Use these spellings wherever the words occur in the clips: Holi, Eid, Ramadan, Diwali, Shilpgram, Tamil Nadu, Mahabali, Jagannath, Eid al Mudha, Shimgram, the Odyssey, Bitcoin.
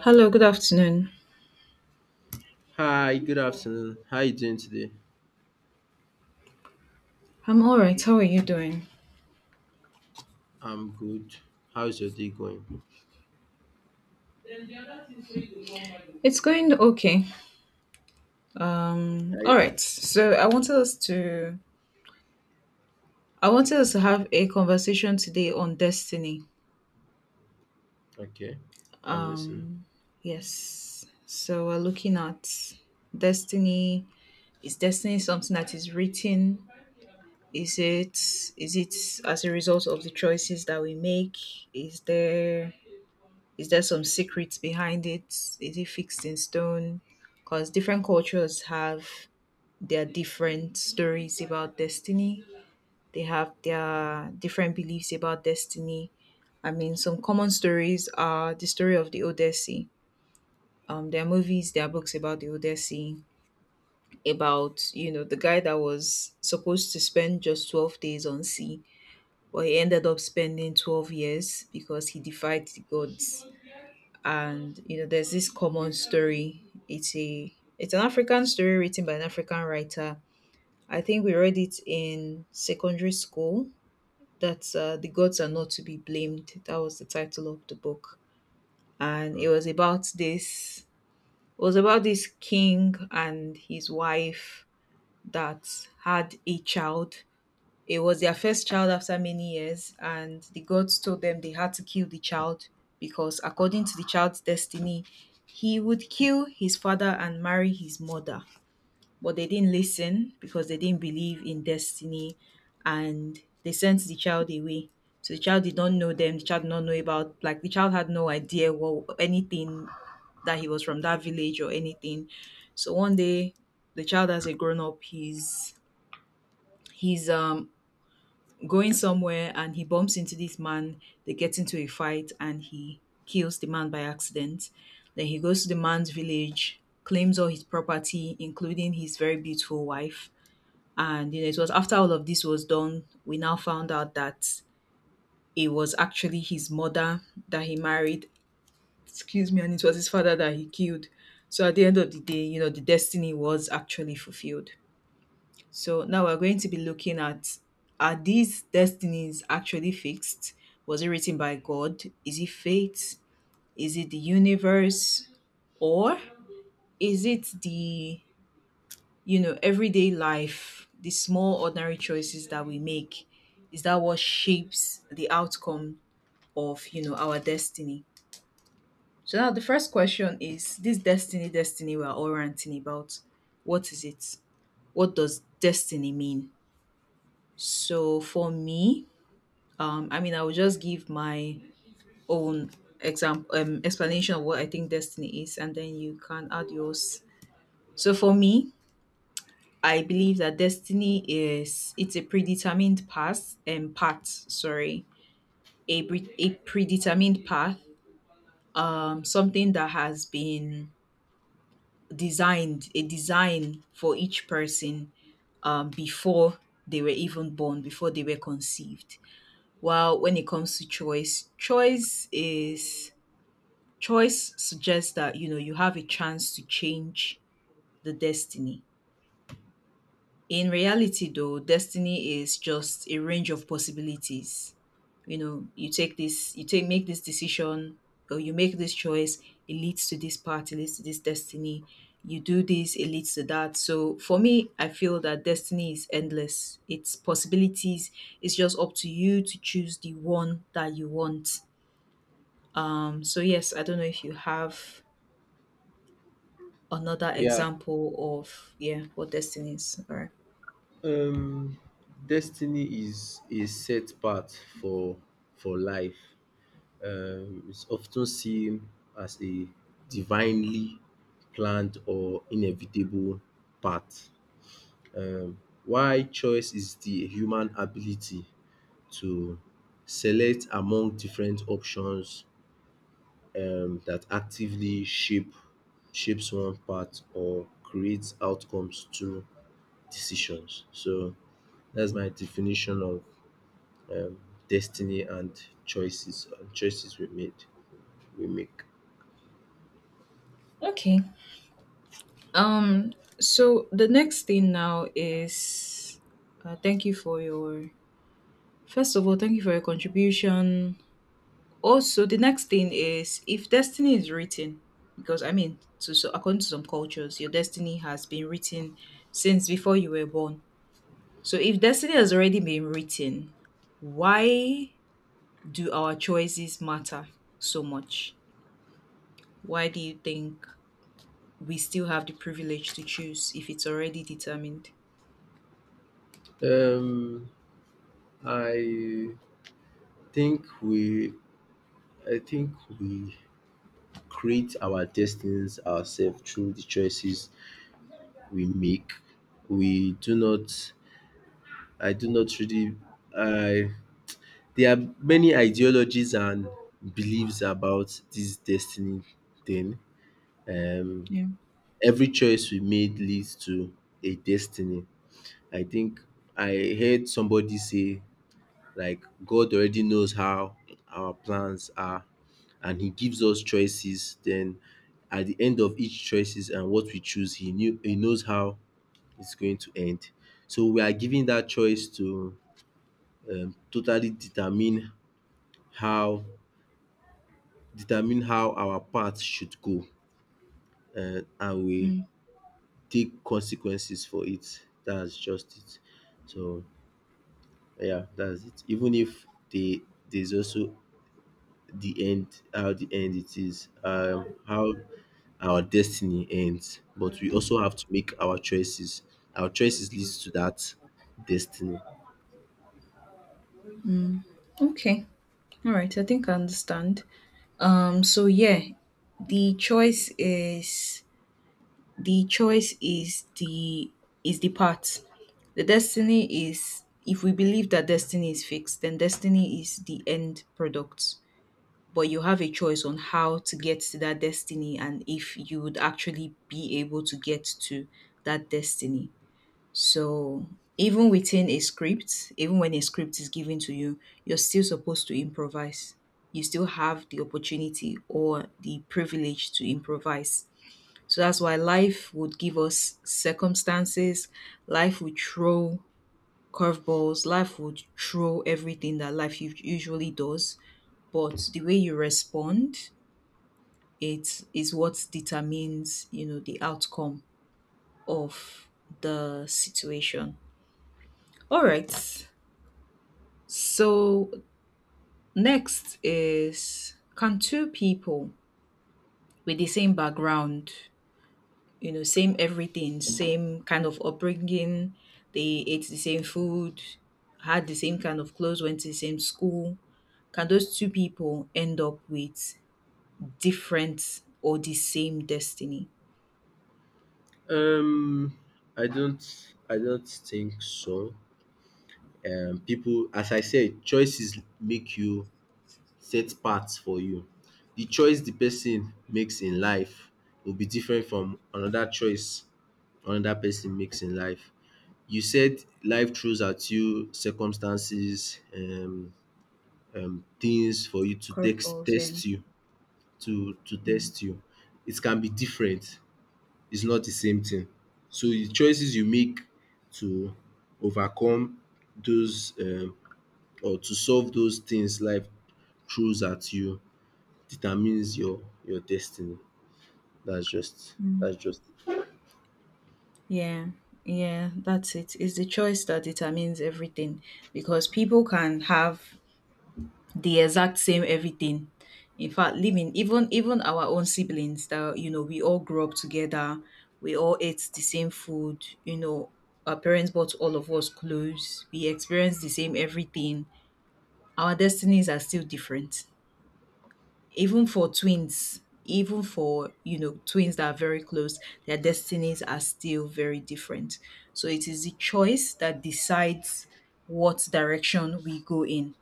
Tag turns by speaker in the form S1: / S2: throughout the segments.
S1: Hello, good afternoon.
S2: Hi, good afternoon. How you doing today?
S1: I'm all right. How are you doing?
S2: I'm good. How's your day going?
S1: It's going okay. All
S2: I
S1: right. So I wanted us to have a conversation today on destiny.
S2: okay. I'm listening.
S1: Um, yes. So we're looking at destiny. Is destiny something that is written? Is it is it as a result of the choices that we make? Is there Is there some secrets behind it? Is it fixed in stone? Because different cultures have their different stories about destiny. They have their different beliefs about destiny. I mean, some common stories are the story of the Odyssey. There are movies, there are books about the Odyssey, about the guy that was supposed to spend just 12 days on sea, but he ended up spending 12 years because he defied the gods. And there's this common story. It's a it's an African story written by an African writer. I think we read it in secondary school. That the gods are not to be blamed, that was the title of the book. And
S2: Uh,
S1: it was about this king and his wife that had a child. It was their first child after many years, and the gods told them they had to kill the child because, according to the child's destiny, he would kill his father and marry his mother. But they didn't listen because they didn't believe in destiny, and they sent the child away. So the child did not know them, the child did not know about, like, the child had no idea what anything, that he was from that village or anything. So one day, the child as a grown up, he's going somewhere and he bumps into this man. They get into a fight and he kills the man by accident. Then he goes to the man's village, claims all his property, including his very beautiful wife. And it was after all of this was done, we now found out that it was actually his mother that he married, excuse me, and it was his father that he killed. So at the end of the day, the destiny was actually fulfilled. So now we're going to be looking at, are these destinies actually fixed? Was it written by God? Is it fate? Is it the universe? Or is it the everyday life, the small ordinary choices that we make? Is that what shapes the outcome of our destiny? So now the first question is, this destiny, destiny we're all ranting about, what is it? What does destiny mean? So for me, I mean, I will just give my own example explanation of what I think destiny is, and then you can add yours. So for me, I believe that destiny is, it's a predetermined path and path. Sorry, a predetermined path. Something that has been designed a design for each person, before they were even born, before they were conceived. While when it comes to choice, choice is Choice suggests that you have a chance to change the destiny. In reality, though, destiny is just a range of possibilities. You know, you take this, you take make this decision, or you make this choice. It leads to this part. It leads to this destiny. You do this, it leads to that. So for me, I feel that destiny is endless. It's possibilities. It's just up to you to choose the one that you want. So yes, I don't know if you have another
S2: yeah.
S1: example of, yeah, what destiny is. All right,
S2: Um, Destiny is a set path for life. It's often seen as a divinely planned or inevitable path. Um, why choice is the human ability to select among different options that actively shapes one path or creates outcomes through decisions. So that's my definition of um, destiny and choices we make.
S1: okay. um so the next thing now is, thank you for your first of all, thank you for your contribution. Also, the next thing is, if destiny is written, because I mean, to so according to some cultures, your destiny has been written since before you were born. So if destiny has already been written, why do our choices matter so much? Why do you think we still have the privilege to choose if it's already determined?
S2: Um, I think we I think we create our destinies ourselves through the choices we make. We do not I do not really I There are many ideologies and beliefs about this destiny thing. Um,
S1: Yeah.
S2: every choice we made leads to a destiny. I think I heard somebody say, like, God already knows how our plans are, and He gives us choices. Then, at the end of each choices and what we choose, He knows how it's going to end. So we are giving that choice to totally how determine how our path should go and we take consequences for it. That's just it. So yeah, that's it. Even if there's also the end, how the end it is, how our destiny ends. But we also have to make our choices. Our choices leads to that destiny.
S1: Okay. All right. I think I understand. So yeah, the choice is the choice is the path. The destiny is, if we believe that destiny is fixed, then destiny is the end product. But you have a choice on how to get to that destiny, and if you would actually be able to get to that destiny. So even within a script, even when a script is given to you, you're still supposed to improvise. You still have the opportunity or the privilege to improvise. So that's why life would give us circumstances, life would throw curveballs, life would throw everything that life usually does. But the way you respond, it is what determines, the outcome of the situation. All right. So, next is, can two people with the same background, same everything, same kind of upbringing, they ate the same food, had the same kind of clothes, went to the same school, can those two people end up with different or the same destiny?
S2: Um I don't I don't think so. People, as I said, choices make you set path for you. The choice the person makes in life will be different from another choice another person makes in life. You said life throws at you circumstances, things for you to text
S1: Curveballs, yeah.
S2: test you to
S1: Mm.
S2: test you. It can be different. It's not the same thing. So the choices you make to overcome those or to solve those things life throws at you determines your destiny.
S1: Mm.
S2: That's just
S1: Yeah, yeah, that's it. It's the choice that determines everything because people can have the exact same everything. In fact, living even our own siblings, that we all grew up together, we all ate the same food. Our parents bought all of us clothes. We experienced the same everything. Our destinies are still different. Even for twins, even for twins that are very close, their destinies are still very different. So it is the choice that decides what direction we go in.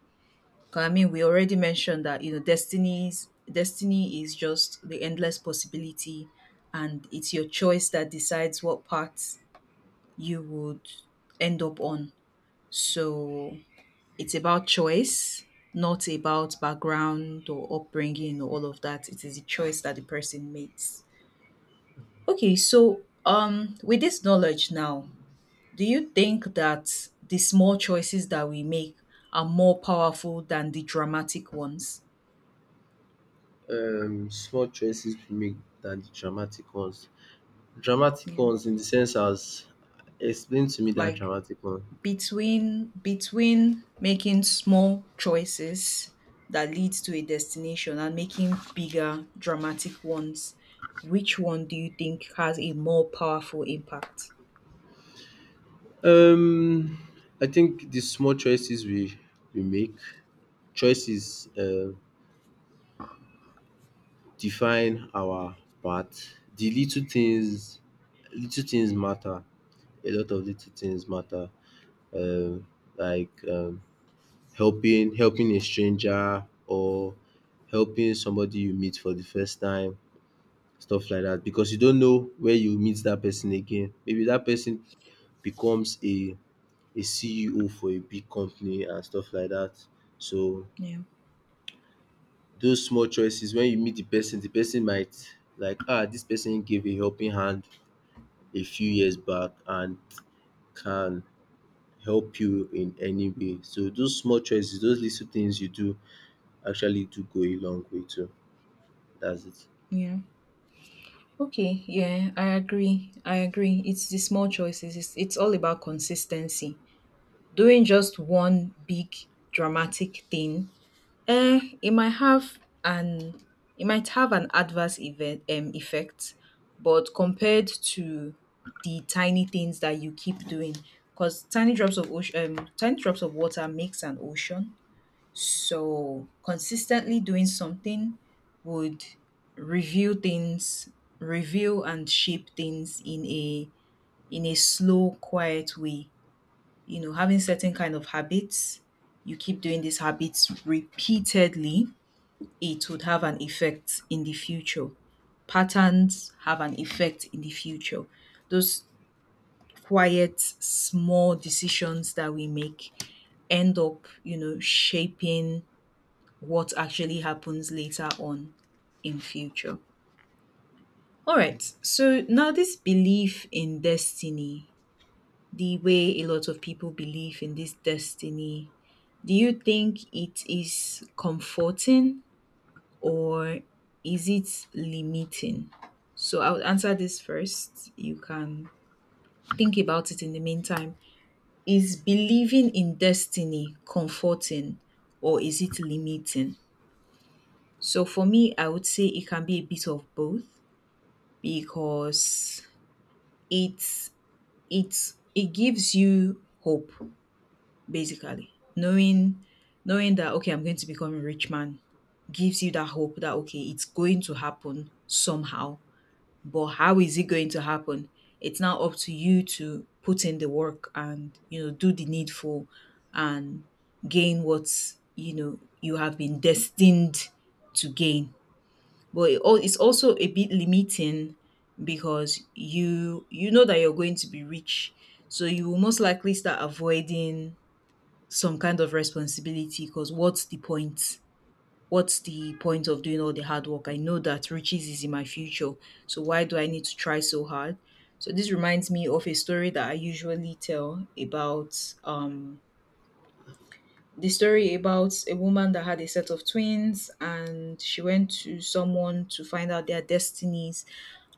S1: 'Cause, I mean, we already mentioned that destinies destiny is just the endless possibility, and it's your choice that decides what path you would end up on. So it's about choice, not about background or upbringing or all of that. It is a choice that the person makes. Okay, so with this knowledge now, do you think that the small choices that we make are more powerful than the dramatic ones?
S2: it. Small choices we make than the dramatic ones. Dramatic
S1: Yeah.
S2: ones in the sense as explain to me that
S1: Like,
S2: dramatic one.
S1: between making small choices that leads to a destination, and making bigger dramatic ones, which one do you think has a more powerful impact?
S2: Um I think the small choices we make choices define our path. The little things matter. A lot of little things matter. Um like um Helping helping a stranger or helping somebody you meet for the first time, stuff like that because you don't know where you meet that person again. Maybe that person becomes a CEO for a big company and stuff like that. So
S1: Yeah,
S2: those small choices, when you meet the person might like, ah, this person gave a helping hand a few years back and can help you in any way. So those small choices, those little things you do actually do go a long way too. That's it.
S1: yeah, okay, yeah, I agree, it's the small choices. It's all about consistency. Doing just one big dramatic thing, it might have an, adverse event effect, but compared to the tiny things that you keep doing, because tiny drops of water makes an ocean. So consistently doing something would reveal things, reveal and shape things in a slow, quiet way. Having certain kind of habits, you keep doing these habits repeatedly, it would have an effect in the future. Patterns have an effect in the future. Those quiet, small decisions that we make end up, shaping what actually happens later on in future. All right. So now this belief in destiny, the way a lot of people believe in this destiny, do you think it is comforting, or is it limiting? So I'll answer this first. You can think about it in the meantime. Is believing in destiny comforting, or is it limiting? So for me, I would say it can be a bit of both, because it's it gives you hope, basically. Knowing that, okay, I'm going to become a rich man gives you that hope that, okay, it's going to happen somehow. But how is it going to happen? It's now up to you to put in the work and do the needful, and gain what you have been destined to gain. But it's also a bit limiting, because you know that you're going to be rich, so you will most likely start avoiding some kind of responsibility, because what's the point? What's the point of doing all the hard work? I know that riches is in my future. So why do I need to try so hard? So this reminds me of a story that I usually tell about um the story about a woman that had a set of twins, and she went to someone to find out their destinies,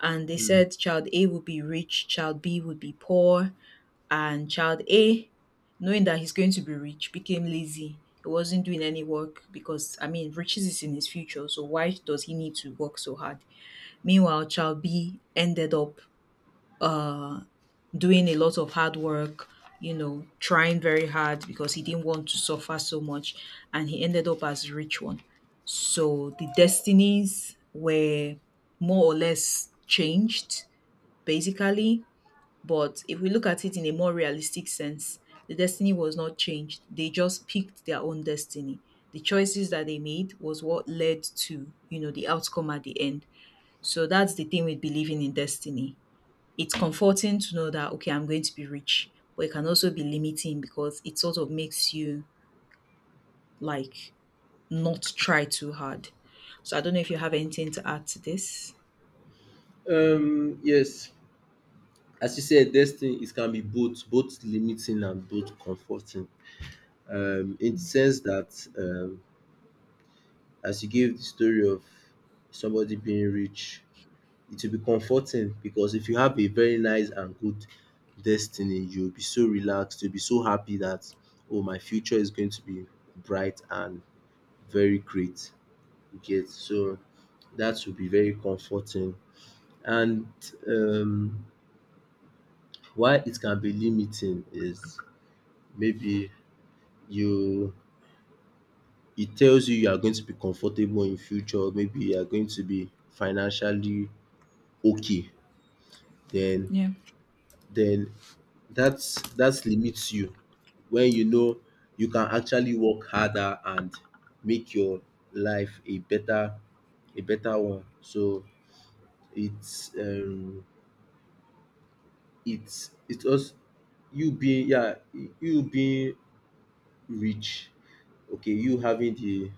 S1: and they
S2: Mm.
S1: said child A would be rich, child B would be poor, and child A, knowing that he's going to be rich, became lazy. He wasn't doing any work because, I mean, riches is in his future. So why does he need to work so hard? Meanwhile, child B ended up uh, doing a lot of hard work, trying very hard because he didn't want to suffer so much. And he ended up as a rich one. So the destinies were more or less changed, basically, but if we look at it in a more realistic sense, the destiny was not changed. They just picked their own destiny. The choices that they made was what led to, the outcome at the end. So that's the thing with believing in destiny. It's comforting to know that okay, I'm going to be rich, but it can also be limiting because it sort of makes you like not try too hard. So I don't know if you have anything to add to this.
S2: Yes, as you said, destiny it can be both both limiting and both comforting. In the sense that um, as you gave the story of somebody being rich, it will be comforting because if you have a very nice and good destiny, you'll be so relaxed, you'll be so happy that oh, my future is going to be bright and very great. You get so that will be very comforting and um why it can be limiting is maybe you it tells you you are going to be comfortable in future, maybe you are going to be financially okay, then
S1: Yeah.
S2: then that's limits you when you know you can actually work harder and make your life a better one. So it's um it's us you being yeah you being rich, okay, you having the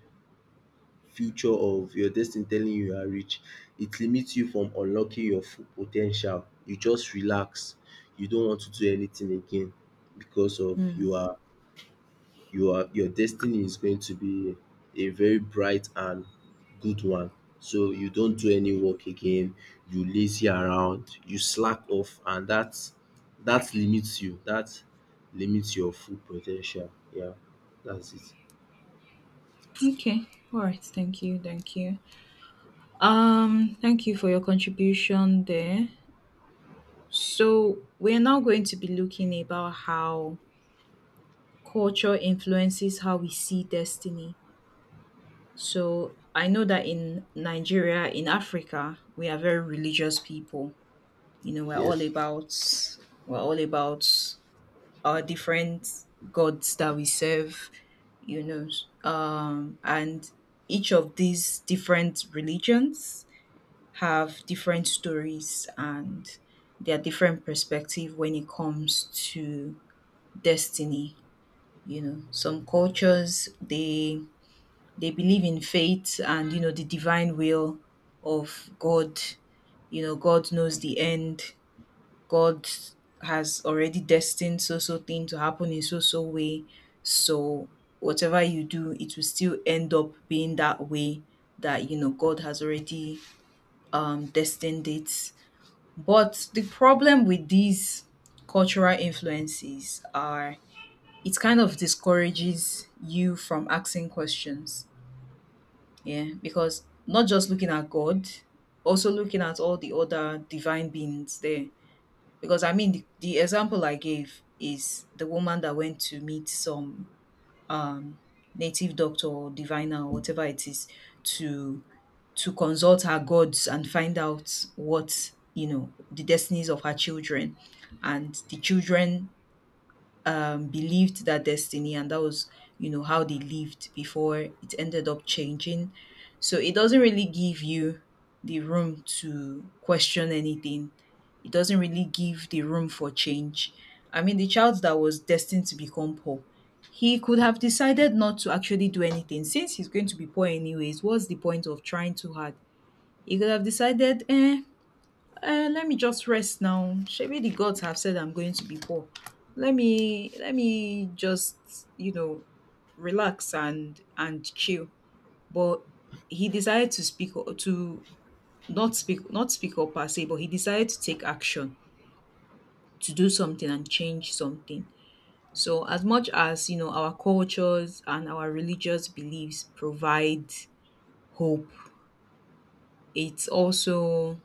S2: future of your destiny telling you you are rich, it limits you from unlocking your full po ten tial. You just relax. You don't want to do anything again because of
S1: Mm.
S2: you are your destiny is going to be a very bright and good one. So you don't do any work again, you lazy around, you slack off and that limits you. That limits your full po ten tial. Yeah, that's it.
S1: Okay. All right. Thank you. Thank you. Thank you for your contribution there. So, we're now going to be looking about how culture influences how we see destiny. So, I know that in Nigeria, in Africa, we are very religious people. You know,
S2: Yes.
S1: we're all about our different gods that we serve, and each of these different religions have different stories and their different perspective when it comes to destiny. You know, some cultures, they believe in fate and, you know, the divine will of God. You know, God knows the end. God has already destined so so thing to happen in so so way. So whatever you do, it will still end up being that way, that, you know, God has already destined it. But the problem with these cultural influences are it kind of discourages you from asking questions. Yeah, because not just looking at God, also looking at all the other divine beings there. Because I mean, the example I gave is the woman that went to meet some um, native doctor or diviner or whatever it is to consult her gods and find out what, you know, the destinies of her children, and the children, believed that destiny, and that was, you know, how they lived before it ended up changing. So it doesn't really give you the room to question anything. It doesn't really give the room for change. I mean, the child that was destined to become poor, he could have decided not to actually do anything. Since he's going to be poor anyways, what's the point of trying too hard? He could have decided, eh, eh, let me just rest now. Maybe the gods have said I'm going to be poor. Let me just, you know, relax and chill. But he decided to not speak not speak up per se, but he decided to take action, to do something and change something. So as much as, you know, our cultures and our religious beliefs provide hope, it's also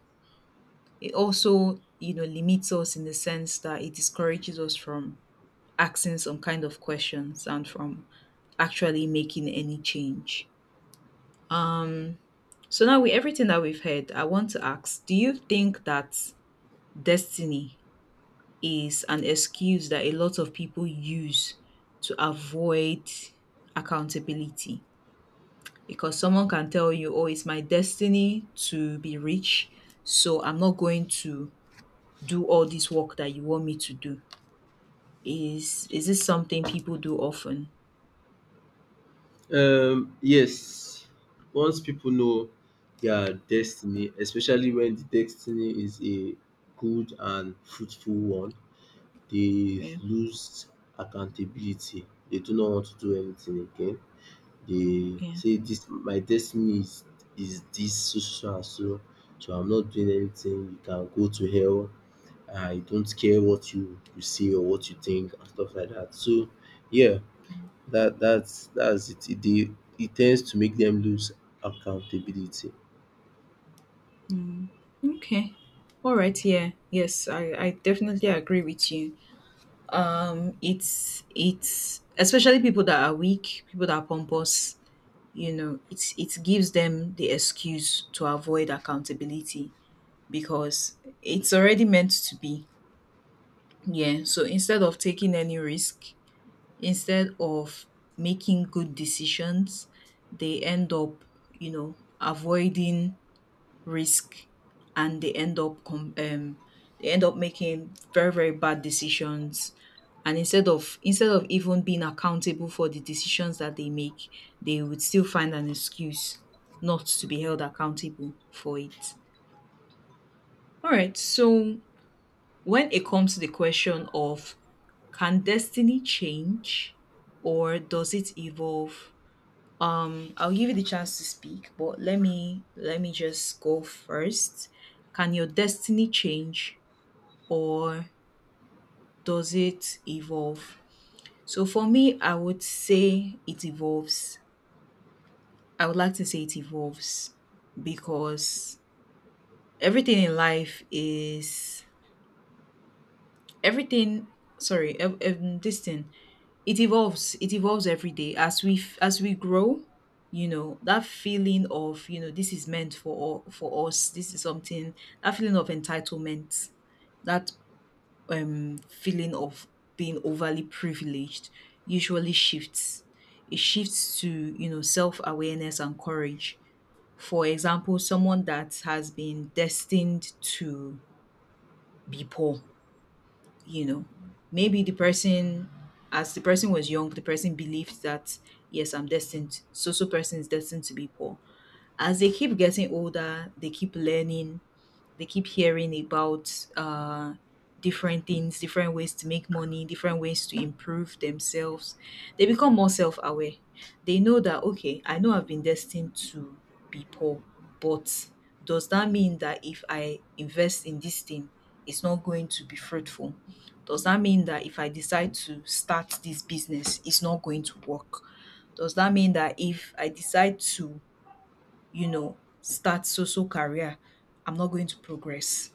S1: it also, you know, limits us in the sense that it discourages us from asking some kind of questions and from actually making any change. So now with everything that we've heard, I want to ask, do you think that destiny is an excuse that a lot of people use to avoid accountability? Because someone can tell you, oh, it's my destiny to be rich, so I'm not going to do all this work that you want me to do. Is this something people do often?
S2: Yes, once people know their destiny, especially when the destiny is a good and fruitful one, they
S1: Yeah.
S2: lose accountability. They do not want to do anything again. They
S1: Yeah.
S2: say this my destiny is this so so so, and so, so I'm not doing anything. You can go to hell. I don't care what you say or what you think and stuff like that. So yeah, that's it. It dey It tends to make them lose accountability.
S1: Okay. All right. Yeah, yes, I definitely agree with you. It's especially people that are weak, people that are pompous. You know, it gives them the excuse to avoid accountability because it's already meant to be. Yeah. So instead of taking any risk, instead of making good decisions, they end up, you know, avoiding risk, and they end up they end up making very, very bad decisions. And instead of even being accountable for the decisions that they make, they would still find an excuse not to be held accountable for it. All right. So when it comes to the question of can destiny change or does it evolve? I'll give you the chance to speak, but let me just go first. Can your destiny change or does it evolve? So for me, I would say it evolves. I would like to say it evolves because everything in life is everything this thing, it evolves. It evolves every day as as we grow. You know, that feeling of, you know, this is meant for for us, this is something, that feeling of entitlement, that feeling of being overly privileged, usually shifts. It shifts to, you know, self-awareness and courage. For example, someone that has been destined to be poor, you know, maybe the person, as the person was young, the person believed that yes, I'm destined, so so person is destined to be poor. As they keep getting older, they keep learning, they keep hearing about different things, different ways to make money, different ways to improve themselves. They become more self aware. They know that, okay, I know I've been destined to be poor, but does that mean that if I invest in this thing, it's not going to be fruitful? Does that mean that if I decide to start this business, it's not going to work? Does that mean that if I decide to, you know, start so so career, I'm not going to progress?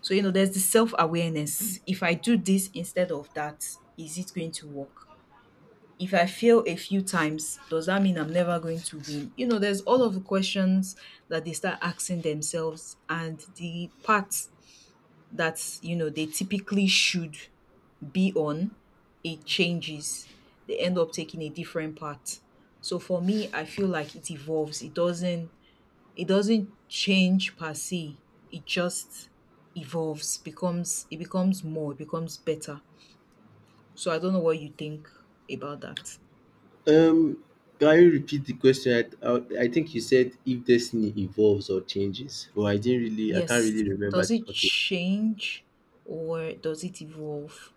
S1: So, you know, there's the self awareness. If I do this instead of that, is it going to work? If I fail a few times, does that mean I'm never going to win? You know, there's all of the questions that they start asking themselves, and the part that, you know, they typically should be on, it changes. They end up taking a different path. So for me, I feel like it evolves. It doesn't It doesn't change per se. It just evolves, becomes it becomes more, it becomes better. So I don't know what you think about that.
S2: Um, can you repeat the question? I think you said if destiny evolves or changes, but I didn't really I can't
S1: Yes,
S2: really remember.
S1: does it
S2: Okay.
S1: change or does it evolve?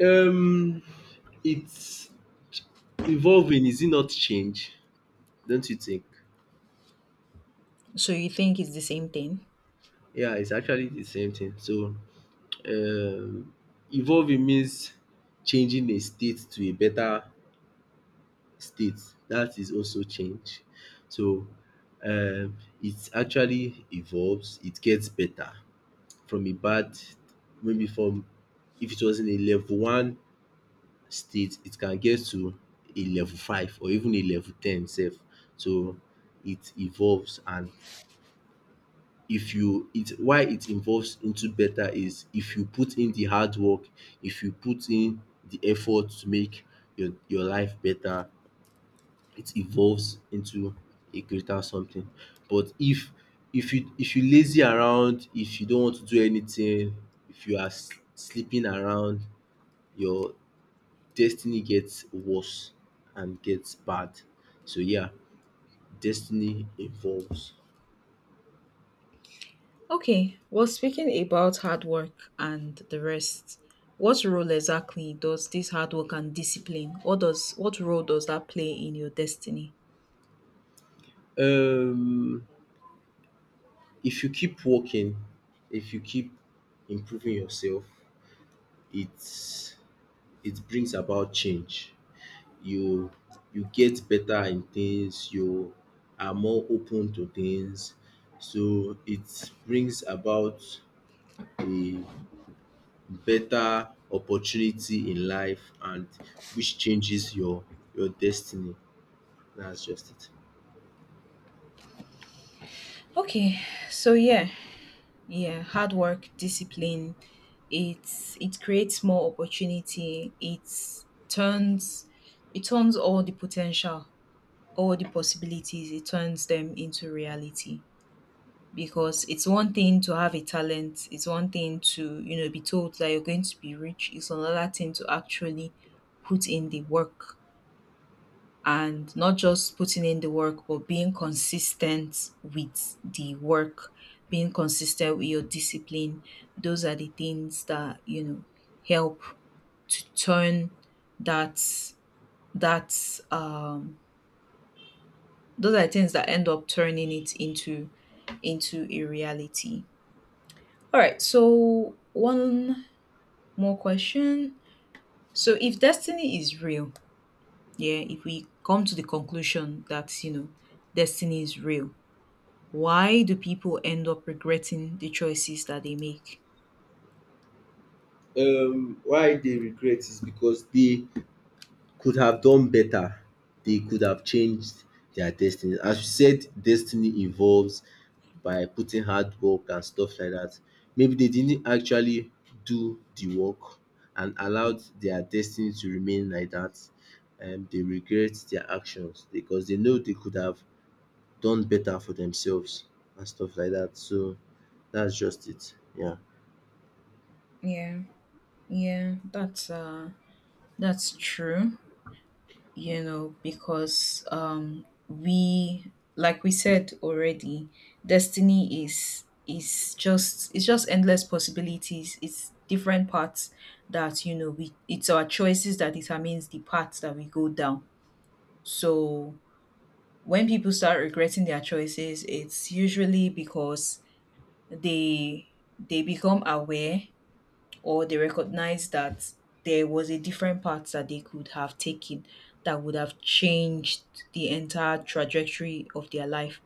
S2: Um, it's evolving. Is it not change? Don't you think?
S1: So you think it's the same thing?
S2: Yeah, it's actually the same thing. So, um, evolving means changing a state to a better state. That is also change. So um it actually evolves, it gets better from a bad maybe from if it was in a level one state it can get to a level five or even a level ten sef. So it evolves, and if you it why it evolves into better is if you put in the hard work, if you put in the effort to make your life better, it evolves into a greater something. But if you lazy around, if you don't want to do anything, if you are sleeping around, your destiny gets worse and gets bad. So yeah, destiny evolves.
S1: Okay, well, speaking about hard work and the rest, what role exactly does this hard work and discipline, or does what role does that play in your destiny?
S2: Um if you keep working, if you keep improving yourself, it's it brings about change. you you get better in things, you are more open to things. So it brings about a better opportunity in life, and which changes your destiny. That's just it.
S1: Okay, so yeah, yeah, hard work, discipline. It creates more opportunity. It's turns it turns all the potential, all the possibilities, it turns them into reality. Because it's one thing to have a talent, it's one thing to, you know, be told that you're going to be rich, it's another thing to actually put in the work, and not just putting in the work but being consistent with the work, being consistent with your discipline. Those are the things that, you know, help to turn that that um those are the things that end up turning it into a reality. All right, so one more question. So if destiny is real, yeah, if we come to the conclusion that, you know, destiny is real, why do people end up regretting the choices that they make?
S2: Why they regret is because they could have done better. They could have changed their destiny. As you said, destiny evolves by putting hard work and stuff like that. Maybe they didn't actually do the work and allowed their destiny to remain like that. And they regret their actions because they know they could have done better for themselves and stuff like that. So that's just it. Yeah.
S1: Yeah, yeah, that's true. You know, because we, like we said already, destiny is just, it's just endless possibilities. It's different paths that, you know we it's our choices that determines the paths that we go down. So when people start regretting their choices, it's usually because they they become aware, or they recognize that there was a different path that they could have taken that would have changed the entire trajectory of their life.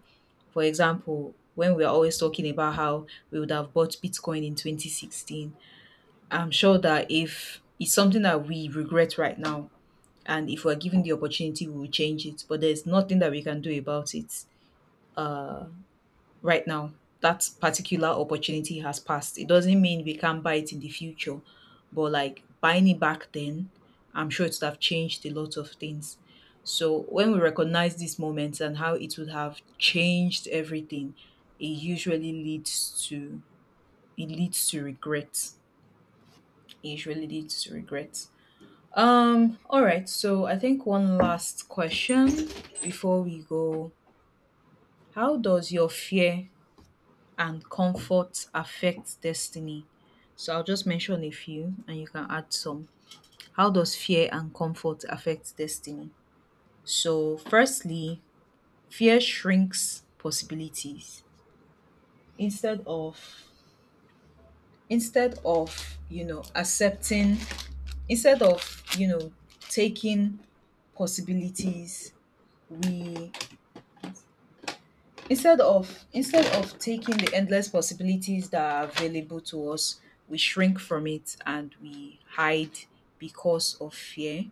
S1: For example, when we're always talking about how we would have bought Bitcoin in 2016, I'm sure that if it's something that we regret right now, and if we're given the opportunity, we will change it. But there's nothing that we can do about it right now. That particular opportunity has passed. It doesn't mean we can't buy it in the future, but like buying it back then, I'm sure it would have changed a lot of things. So when we recognize these moments and how it would have changed everything, it usually leads to it leads to regret. It usually leads to regret. All right, so I think one last question before we go. How does your fear and comfort affect destiny? So I'll just mention a few and you can add some. How does fear and comfort affect destiny? So, firstly, fear shrinks possibilities. Instead of instead of, you know, accepting instead of, you know, taking possibilities, we Instead of taking the endless possibilities that are available to us, we shrink from it and we hide because of fear.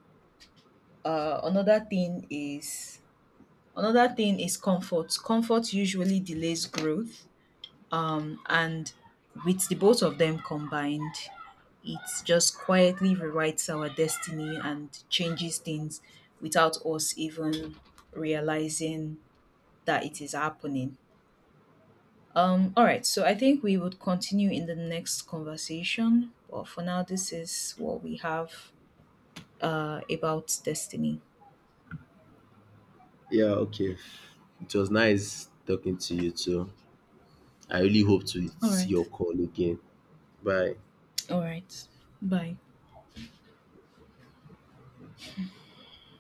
S1: Another thing is comfort. Comfort usually delays growth. And with the both of them combined, it just quietly rewrites our destiny and changes things without us even realizing that it is happening. All right, so I think we would continue in the next conversation, but for now, this is what we have about destiny.
S2: Yeah, okay. It was nice talking to you too. I really hope to
S1: All
S2: see your
S1: right,
S2: call again. Bye.
S1: all right, bye.